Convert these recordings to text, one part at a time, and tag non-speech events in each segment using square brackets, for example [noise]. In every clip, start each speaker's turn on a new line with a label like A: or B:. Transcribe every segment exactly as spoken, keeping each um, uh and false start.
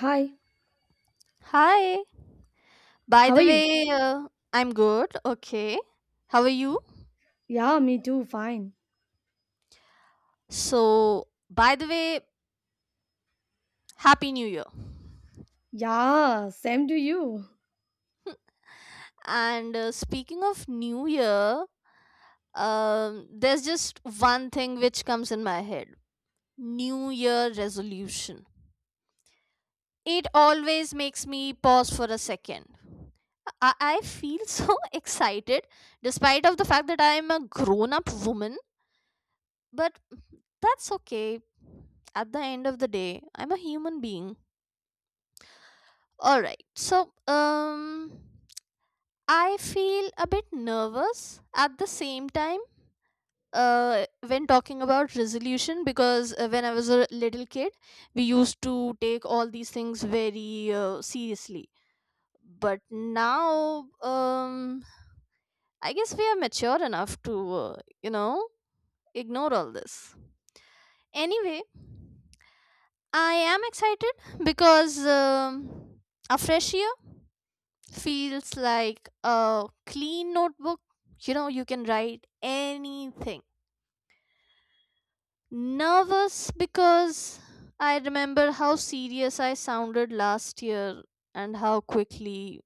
A: Hi,
B: Hi. By
A: how are
B: the
A: you?
B: way, uh, I'm good. Okay. How are you?
A: Yeah, me too, fine.
B: So, by the way, Happy New Year.
A: Yeah, same to you.
B: And uh, speaking of New Year, um, there's just one thing which comes in my head. New Year resolution. It always makes me pause for a second. I, I feel [laughs] so excited despite of the fact that I am a grown up woman. But that's okay. At the end of the day, I'm a human being. Alright, so, um, I feel a bit nervous at the same time uh, when talking about resolution, because uh, when I was a little kid, we used to take all these things very uh, seriously. But now, um, I guess we are mature enough to, uh, you know, ignore all this. Anyway, I am excited because um, a fresh year feels like a clean notebook. You know, you can write anything. Nervous because I remember how serious I sounded last year and how quickly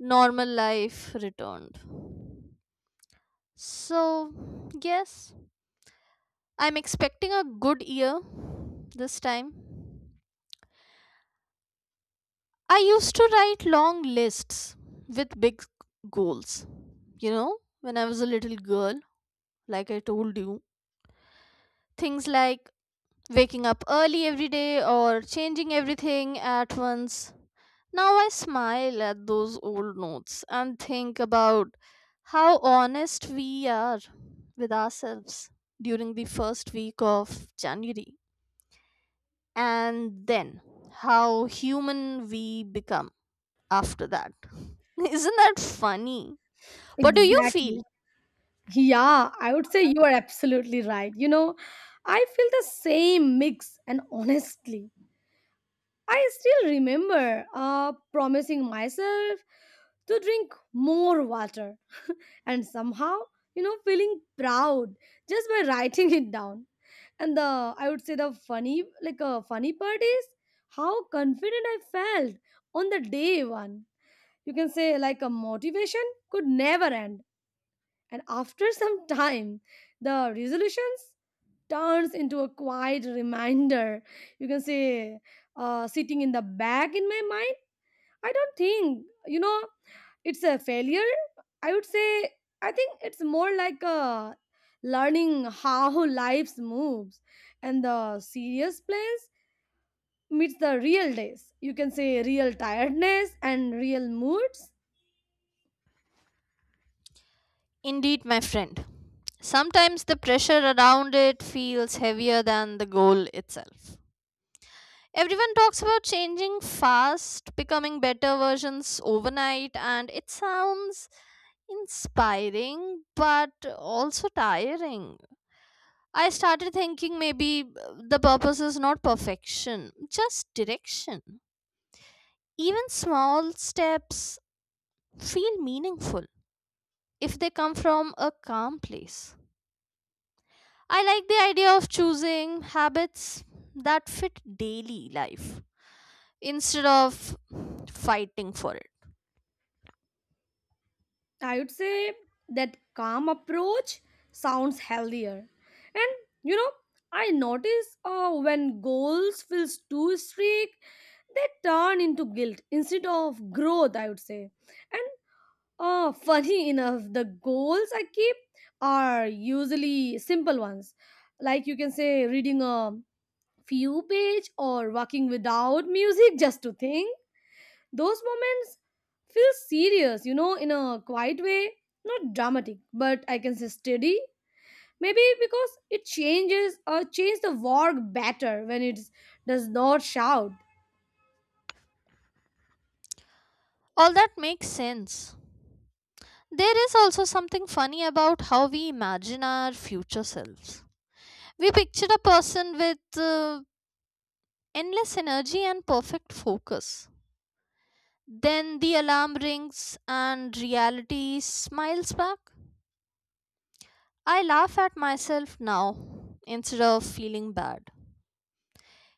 B: normal life returned. So, yes, I'm expecting a good year this time. I used to write long lists with big goals you know, when I was a little girl, like I told you. Things like waking up early every day or changing everything at once. Now I smile at those old notes and think about how honest we are with ourselves during the first week of January, and then how human we become after that. [laughs] Isn't that funny? What do you feel?
A: Exactly. Yeah, I would say you are absolutely right. You know, I feel the same mix, and honestly, I still remember uh, promising myself to drink more water and somehow, you know, feeling proud just by writing [laughs] it down. And the, I would say the funny, like a funny part is how confident I felt on the day one, you can say, like a motivation could never end, and after [laughs] some time the resolutions turns into a quiet reminder, you can say, uh, sitting in the back in my mind. I don't think, you know, it's a failure. I would say, I think it's more like a learning how [laughs] life moves, and the serious plans meets the real days, you can say real tiredness and real moods.
B: Indeed, my friend. Sometimes the pressure around it feels heavier than the goal itself. Everyone talks about changing fast, becoming better versions overnight, and it sounds inspiring but also tiring. I started thinking, maybe uh, the purpose is not perfection, just direction. Even small steps feel meaningful if they come from a calm place. I like the idea of choosing habits that fit daily life instead of fighting for it.
A: I would say that calm approach sounds healthier. And you know, I notice uh, when goals feels too strict, they turn into guilt instead of growth. I would say, and uh, [laughs] funny enough, the goals I keep are usually simple ones, like you can say reading a few page or working without music [laughs] just to think. Those moments feel serious, you know, in a quiet way, not dramatic, but I can say steady. Maybe because it changes or change the work better when it does not shout.
B: All that makes sense. There is also something funny about how we imagine our future selves. We picture a person with uh, endless energy and perfect focus. Then the alarm rings and reality smiles back. I laugh at myself now instead of feeling bad.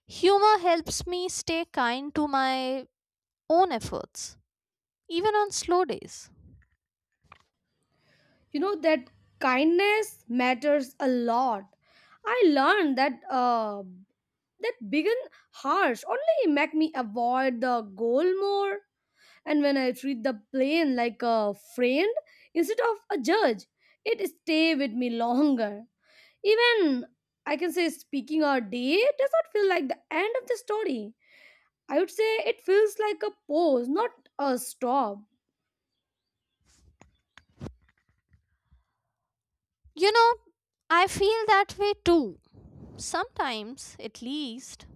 B: Humor helps me stay kind to my own efforts, even on slow days.
A: You know that kindness matters a lot. I learned that uh, that begin harsh only make me avoid the goal more. And when I treat the plane like a friend instead of a judge, it stay with me longer. Even I can say speaking our day does not feel like the end of the story. I would say it feels like a pause, not a stop.
B: You know, I feel that way too. Sometimes, at least.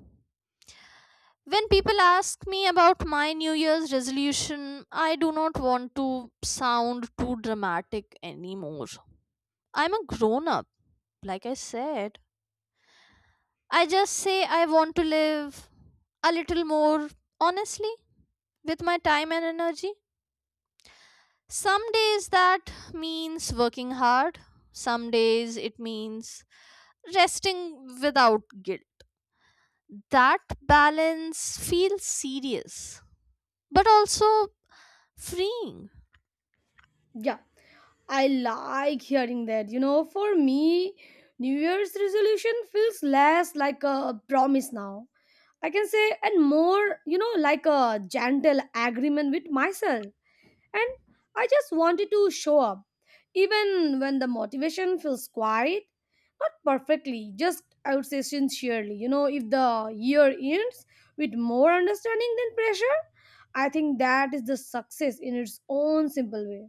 B: When people ask me about my New Year's resolution, I do not want to sound too dramatic anymore. I'm a grown up, like I said. I just say I want to live a little more honestly with my time and energy. Some days that means working hard, some days it means resting without guilt. That balance feels serious, but also freeing.
A: Yeah, I like hearing that. You know, for me, New Year's resolution feels less like a promise now. I can say, and more, you know, like a gentle agreement with myself. And I just wanted to show up, even when the motivation feels quiet. Not perfectly, just I would say sincerely. You know, if the year ends with more understanding than pressure, I think that is the success in its own simple way.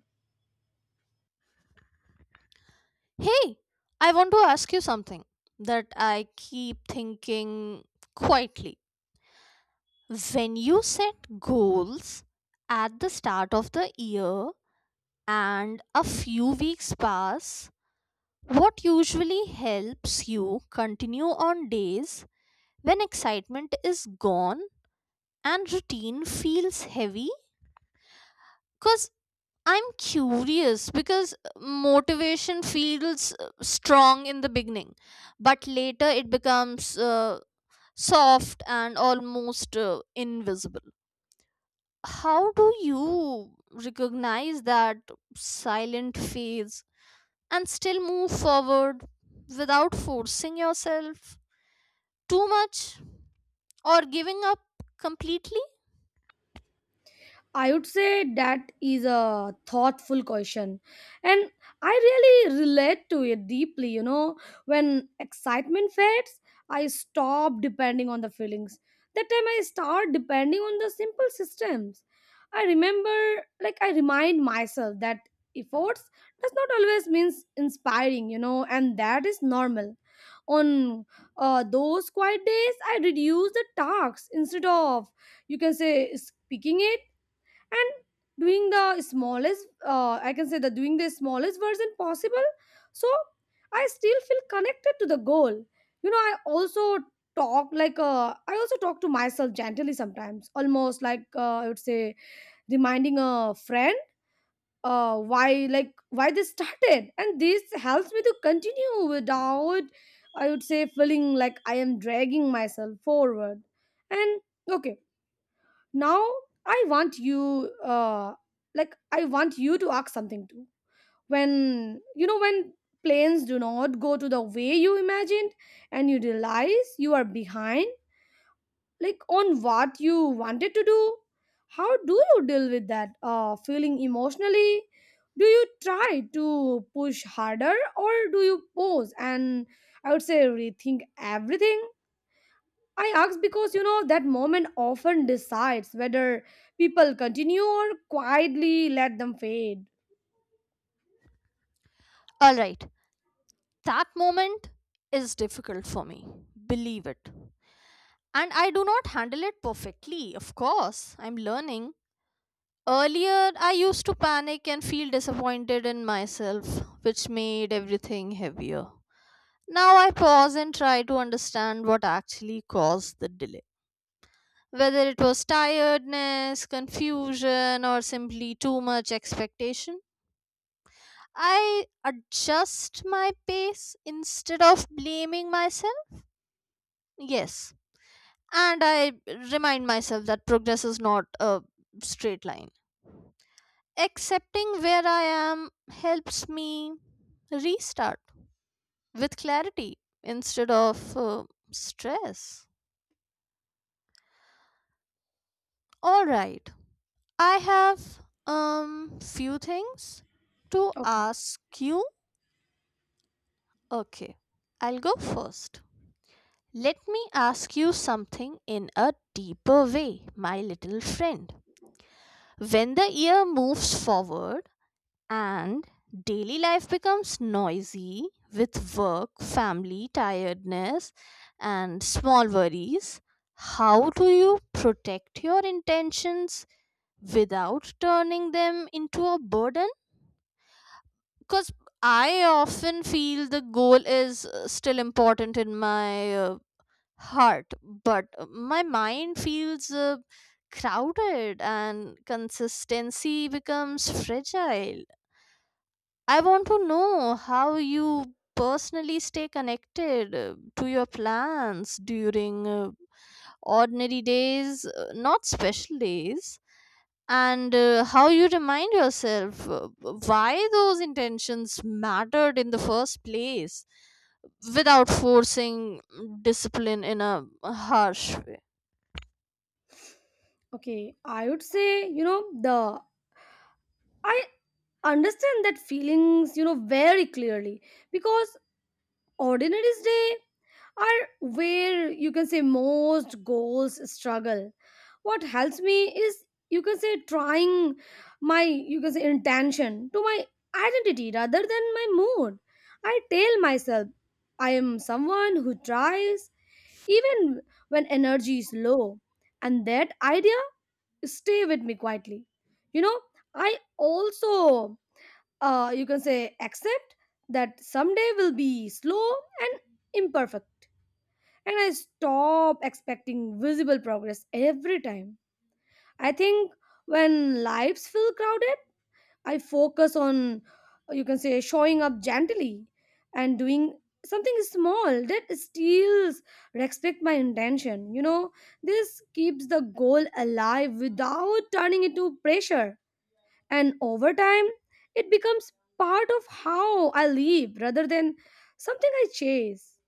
B: Hey, I want to ask you something that I keep thinking quietly. When you set goals at the start of the year and a few weeks pass, what usually helps you continue on days when excitement is gone and routine feels heavy? Because I'm curious, because motivation feels uh, strong in the beginning, but later it becomes uh, soft and almost uh, invisible. How do you recognize that silent phase and still move forward without forcing yourself too much or giving up completely?
A: I would say that is a thoughtful question. And I really relate to it deeply. You know, when excitement fades, I stop depending on the feelings. That time I start depending on the simple systems. I remember, like, I remind myself that efforts does not always means inspiring, you know, and that is normal. On uh, those quiet days, I reduce the tasks instead of, you can say, speaking it, and doing the smallest uh, I can say the doing the smallest version possible, so I still feel connected to the goal. You know, I also talk like uh, I also talk to myself gently sometimes, almost like uh, I would say reminding a friend uh, why, like why they started, and this helps me to continue without, I would say, feeling like I am dragging myself forward. And okay, now I want you uh like I want you to ask something too. When you know, when planes do not go to the way you imagined, and you realize you are behind, like on what you wanted to do, how do you deal with that uh feeling emotionally? Do you try to push harder, or do you pause and, I would say, rethink everything? I ask because you know that moment often decides whether people continue or quietly let them fade.
B: All right. That moment is difficult for me, believe it. And I do not handle it perfectly, of course. I'm learning. Earlier, I used to panic and feel disappointed in myself, which made everything heavier. Now I pause and try to understand what actually caused the delay. Whether it was tiredness, confusion, or simply too much expectation, I adjust my pace instead of blaming myself. Yes, and I remind myself that progress is not a straight line. Accepting where I am helps me restart with clarity instead of uh, stress. All right, I have um few things to
A: Okay,
B: ask you. Okay, I'll go first. Let me ask you something in a deeper way, my little friend. When the year moves forward, And daily life becomes noisy with work, family, tiredness, and small worries, how do you protect your intentions without turning them into a burden? Because I often feel the goal is uh, still important in my uh, heart, but uh, my mind feels uh, crowded and consistency becomes fragile. I want to know how you personally stay connected uh, to your plans during uh, ordinary days, uh, not special days, and uh, how you remind yourself uh, why those intentions mattered in the first place, without forcing discipline in a harsh way.
A: okay. I would say, you know, the I understand that feelings, you know, very clearly, because ordinary day are where you can say most goals struggle. What helps me is, you can say, trying my, you can say, intention to my identity rather than my mood. I tell myself I am someone who tries, even when energy is low, and that idea stay with me quietly. You know, I also uh, you can say accept that someday will be slow and imperfect, and I stop expecting visible progress every time. I think when lives feel crowded, I focus on uh, you can say showing up gently and doing something small that still respect my intention. You know, this keeps the goal alive without turning into pressure, and over time it becomes part of how I live rather than something I chase.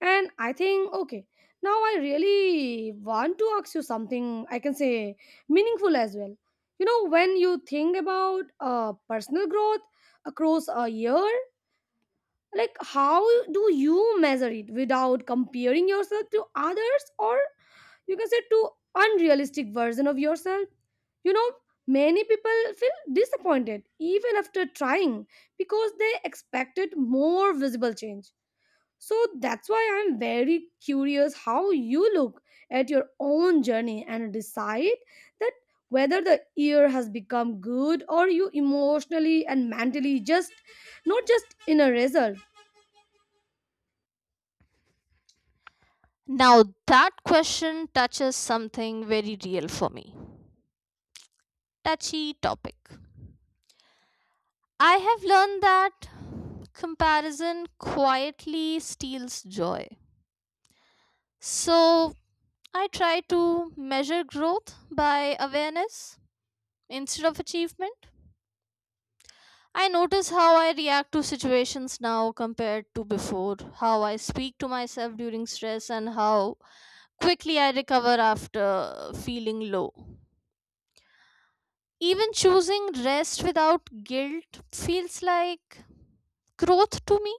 A: And I think, okay, now I really want to ask you something, I can say, meaningful as well. You know, when you think about uh, personal growth across a year, like how do you measure it without comparing yourself to others, or you can say too unrealistic version of yourself? You know, many people feel disappointed even after trying because they expected more visible change. So that's why I'm very curious how you look at your own journey and decide that whether the year has become good or you emotionally and mentally, just not just in a result.
B: Now, that question touches something very real for me. Touchy topic. I have learned that comparison quietly steals joy. So I try to measure growth by awareness instead of achievement. I notice how I react to situations now compared to before, how I speak to myself during stress, and how quickly I recover after feeling low. Even choosing rest without guilt feels like growth to me.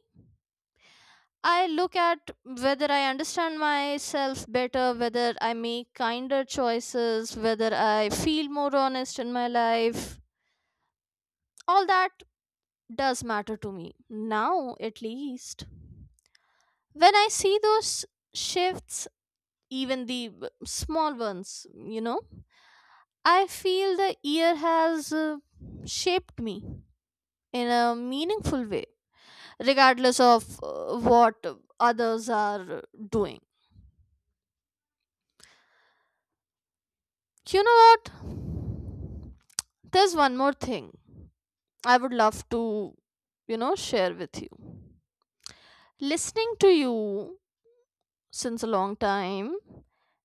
B: I look at whether I understand myself better, whether I make kinder choices, whether I feel more honest in my life. All that does matter to me, now at least. When I see those shifts, even the b- small ones, you know, I feel the year has uh, shaped me in a meaningful way, regardless of uh, what others are doing. You know what? There's one more thing I would love to, you know, share with you. Listening to you since a long time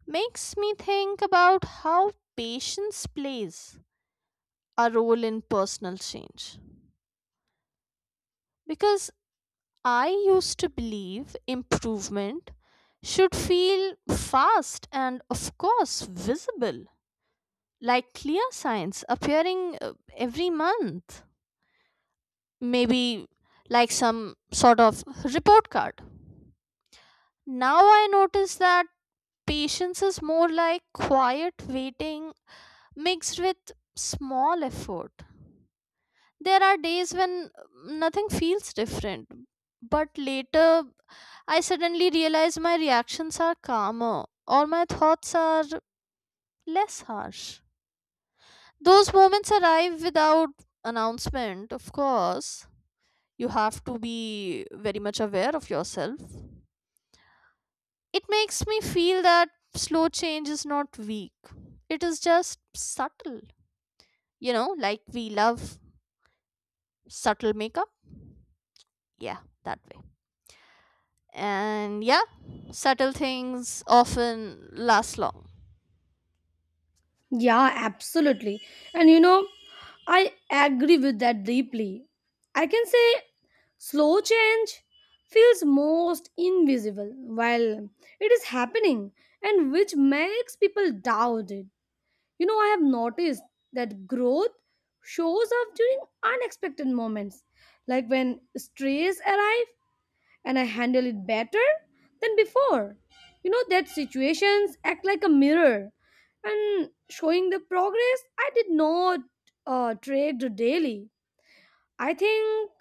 B: makes me think about how patience plays a role in personal change. Because I used to believe improvement should feel fast and, of course, visible, like clear signs appearing uh, every month. maybe like some sort of report card. Now I notice that patience is more like quiet waiting mixed with small effort. There are days when nothing feels different, but later I suddenly realize my reactions are calmer or my thoughts are less harsh. Those moments arrive without announcement, of course. You have to be very much aware of yourself. It makes me feel that slow change is not weak, it is just subtle. You know, like we love subtle makeup. Yeah, that way. And yeah, subtle things often last long.
A: Yeah, absolutely. And you know, I agree with that deeply. I can say slow change feels most invisible while it is happening, and which makes people doubt it. You know, I have noticed that growth shows up during unexpected moments, like when stress arrives and I handle it better than before. You know that situations act like a mirror and showing the progress I did not uh, trade daily. I think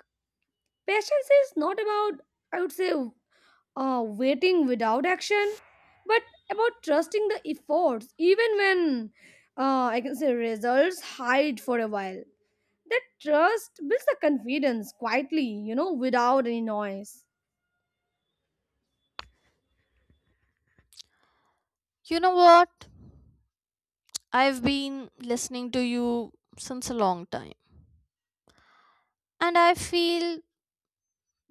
A: patience is not about, I would say, uh, waiting without action, but about trusting the efforts, even when uh, I can say results hide for a while. That trust builds the confidence quietly, you know, without any noise.
B: You know what? I've been listening to you since a long time, and I feel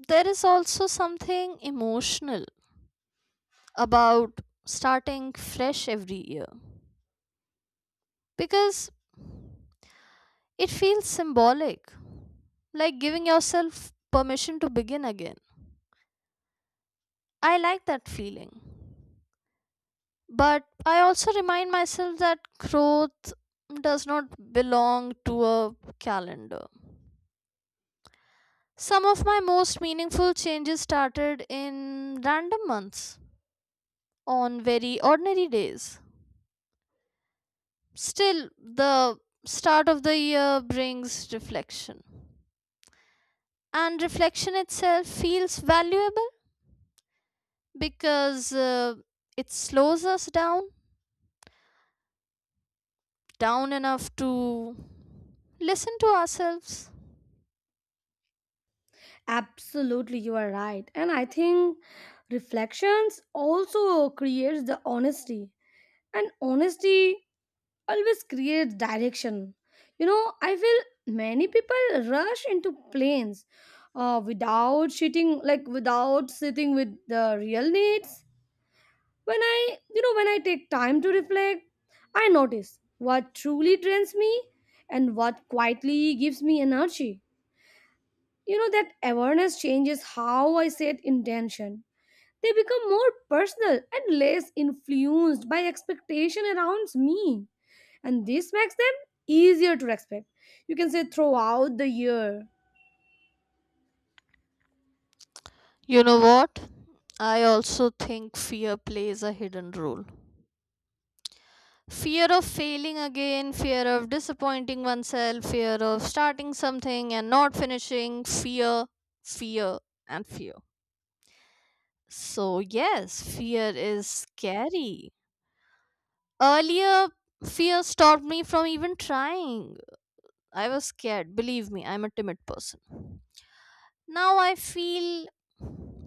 B: there is also something emotional about starting fresh every year, because It feels symbolic, like giving yourself permission to begin again. I like that feeling. But I also remind myself that growth does not belong to a calendar. Some of my most meaningful changes started in random months, on very ordinary days. Still, the start of the year brings reflection, and reflection itself feels valuable, because uh, it slows us down down enough to listen to ourselves.
A: Absolutely, you are right. And I think reflections also creates the honesty. And honesty always creates direction. You know, I feel many people rush into planes uh, without sitting, like without sitting with the real needs. When I, you know, when I take time to reflect, I notice what truly drains me and what quietly gives me energy. You know, that awareness changes how I set intention. They become more personal and less influenced by expectation around me. And this makes them easier to respect. You can say throughout the year.
B: You know what? I also think fear plays a hidden role. Fear of failing again, fear of disappointing oneself, fear of starting something and not finishing. Fear, fear, and fear. So, yes, fear is scary. Earlier, fear stopped me from even trying. I was scared. Believe me, I'm a timid person. Now I feel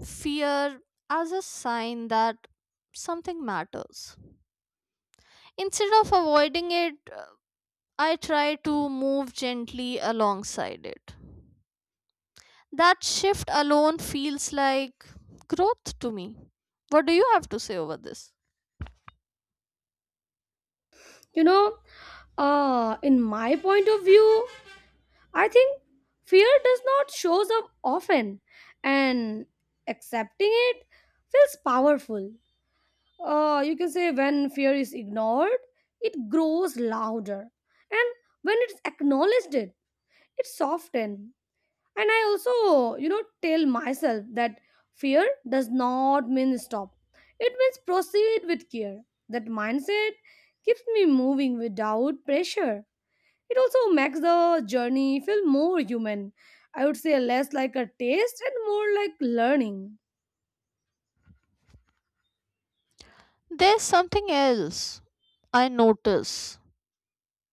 B: fear as a sign that something matters. Instead of avoiding it, uh, I try to move gently alongside it. That shift alone feels like growth to me. What do you have to say over this?
A: You know, uh, in my point of view, I think fear does not shows up often, and accepting it feels powerful. Uh, you can say when fear is ignored, it grows louder, and when it's acknowledged, it it softens. And I also, you know, tell myself that fear does not mean stop, it means proceed with care. That mindset keeps me moving without pressure. It also makes the journey feel more human, I would say, less like a taste and more like learning.
B: There's something else I notice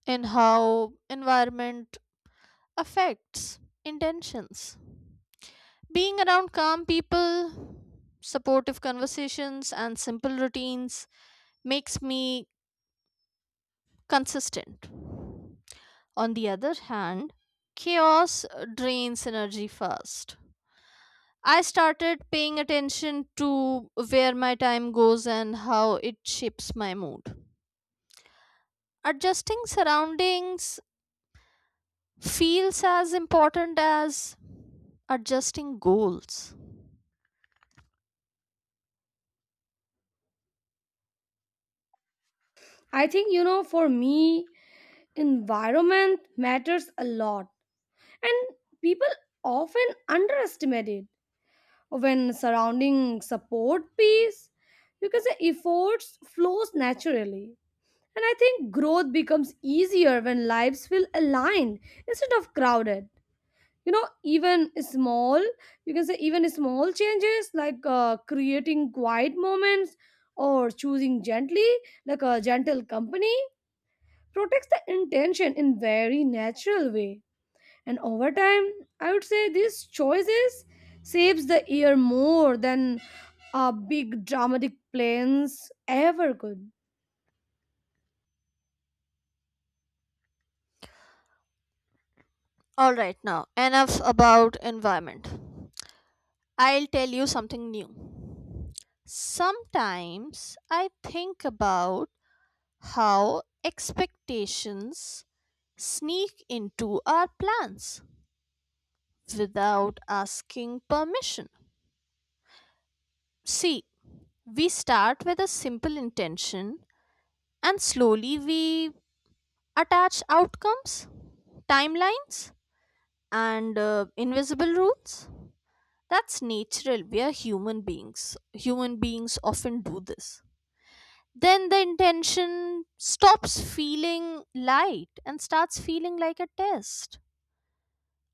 B: in how environment affects intentions. Being around calm people, supportive conversations, and simple routines makes me consistent. On the other hand, chaos drains energy fast. I started paying attention to where my time goes and how it shapes my mood. Adjusting surroundings feels as important as adjusting goals.
A: I think, you know, for me, environment matters a lot, and people often underestimate it. When surrounding support peace, you can say efforts flows naturally, and I think growth becomes easier when lives feel aligned instead of crowded. You know, even small, you can say even small changes like uh, creating quiet moments or choosing gently, like a gentle company, protects the intention in very natural way. And over time, I would say these choices saves the year more than a big dramatic plans ever could.
B: All right, now enough about environment. I'll tell you something new. Sometimes I think about how expectations sneak into our plans without asking permission. See, we start with a simple intention and slowly we attach outcomes, timelines, and uh, invisible rules. That's natural. We are human beings. Human beings often do this. then the intention stops feeling light and starts feeling like a test.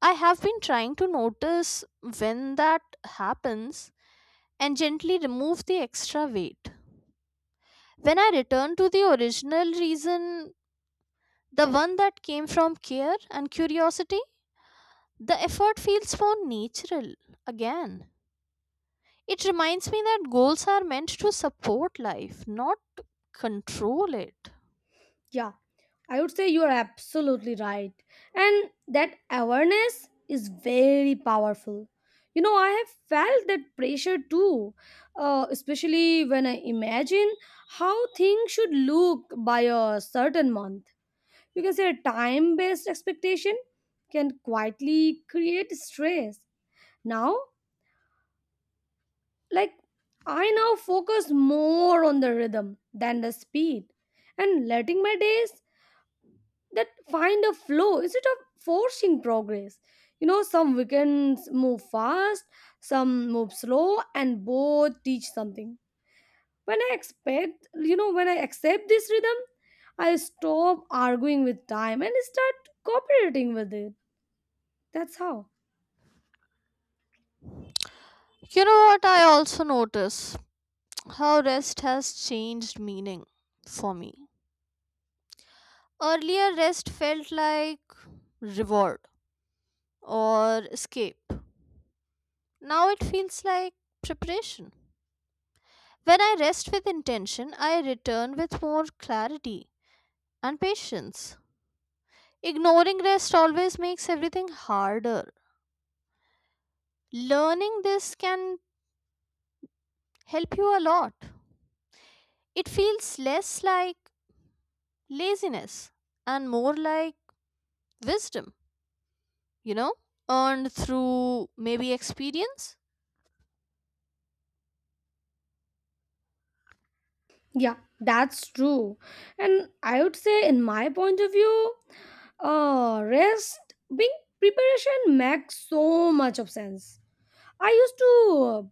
B: I have been trying to notice when that happens and gently remove the extra weight. When I return to the original reason, the one that came from care and curiosity, the effort feels more natural again. It reminds me that goals are meant to support life, not control it.
A: Yeah, I would say you are absolutely right, and that awareness is very powerful. You know, I have felt that pressure too, uh, especially when I imagine how things should look by a certain month. You can say a time based expectation can quietly create stress. Now, like I now focus more on the rhythm than the speed, and letting my days that find a flow instead of forcing progress. You know, some weekends move fast, some move slow, and both teach something. When I expect, you know, when I accept this rhythm, I stop arguing with time and start cooperating with it. That's how.
B: You know what I also notice? how rest has changed meaning for me. Earlier, rest felt like reward or escape. Now it feels like preparation. When I rest with intention, I return with more clarity and patience. Ignoring rest always makes everything harder. Learning this can help you a lot. It feels less like laziness and more like wisdom. you know, earned through maybe experience.
A: Yeah, that's true. And I would say, in my point of view, uh, rest being preparation makes so much of sense. I used to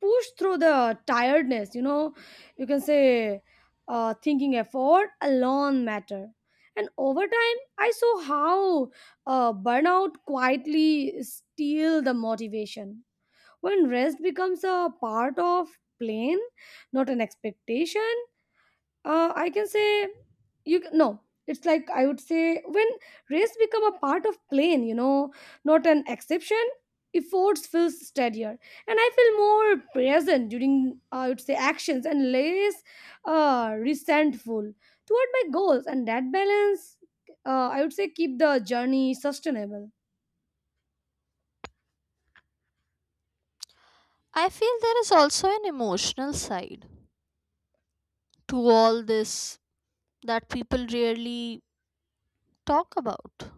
A: push through the tiredness, you know, you can say uh, thinking effort alone matter. And over time, I saw how uh, burnout quietly steal the motivation. When rest becomes a part of plan, not an expectation, uh, I can say you c- no. It's like, I would say, when race become a part of plane, you know, not an exception. Efforts feels steadier, and I feel more present during uh, I would say actions, and less uh, resentful toward my goals. And that balance, uh, I would say, keep the journey sustainable.
B: I feel there is also an emotional side to all this that people rarely talk about.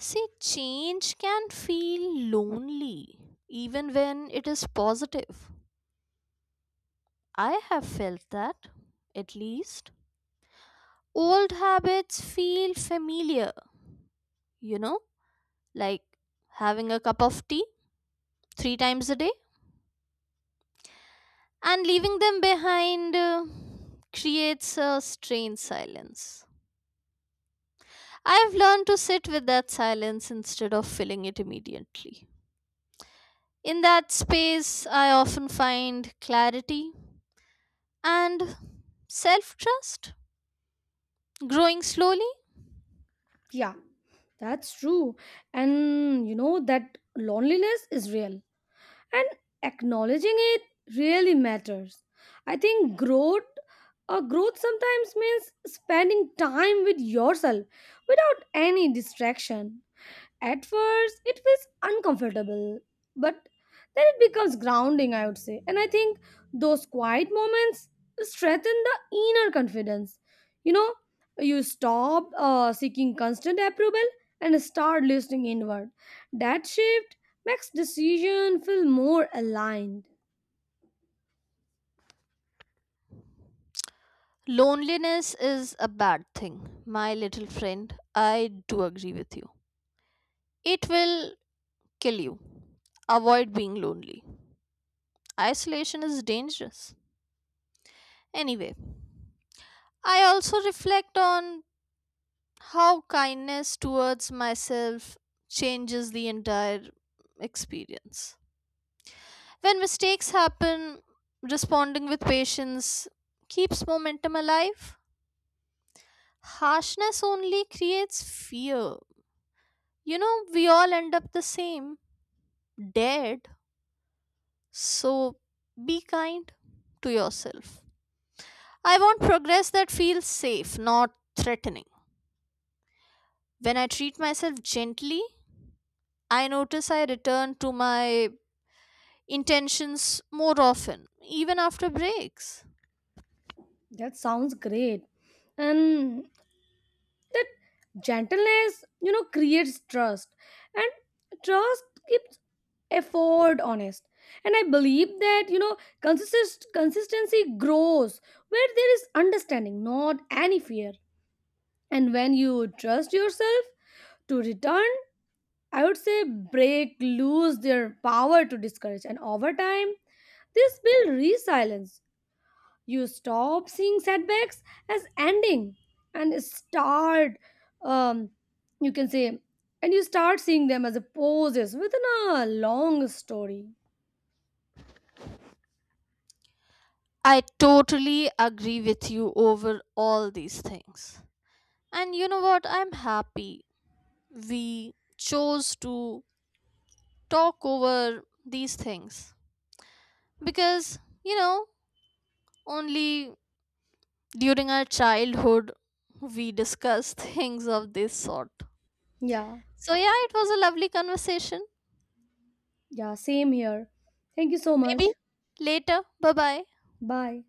B: See, change can feel lonely even when it is positive. I have felt that, at least. Old habits feel familiar, you know, like having a cup of tea three times a day, and leaving them behind uh, creates a strange silence. I've learned to sit with that silence instead of filling it immediately. In that space, I often find clarity and self trust growing slowly.
A: Yeah, that's true. And you know that loneliness is real, and acknowledging it really matters. I think growth uh, growth sometimes means spending time with yourself without any distraction. At first, it feels uncomfortable, but then it becomes grounding, I would say. And I think those quiet moments strengthen the inner confidence. You know, you stop uh, seeking constant approval and start listening inward. That shift makes decision feel more aligned.
B: Loneliness is a bad thing, my little friend. I do agree with you. It will kill you. Avoid being lonely. Isolation is dangerous. Anyway, I also reflect on how kindness towards myself changes the entire experience. When mistakes happen, responding with patience keeps momentum alive. Harshness only creates fear. You know, we all end up the same, dead. So be kind to yourself. I want progress that feels safe, not threatening. When I treat myself gently, I notice I return to my intentions more often, even after breaks.
A: That sounds great. And that gentleness, you know, creates trust, and trust keeps effort honest. And I believe that, you know, consist- consistency grows where there is understanding, not any fear. And when you trust yourself to return, I would say break lose their power to discourage, and over time this will resilience. You stop seeing setbacks as ending and start, um, you can say, and you start seeing them as a poses within a long story.
B: I totally agree with you over all these things. And you know what? I'm happy we chose to talk over these things because, you know, only during our childhood we discuss [laughs] things of this sort.
A: Yeah,
B: So, yeah, it was a lovely conversation.
A: yeah, same here. Thank you so
B: Maybe
A: much.
B: later. Bye bye.
A: Bye.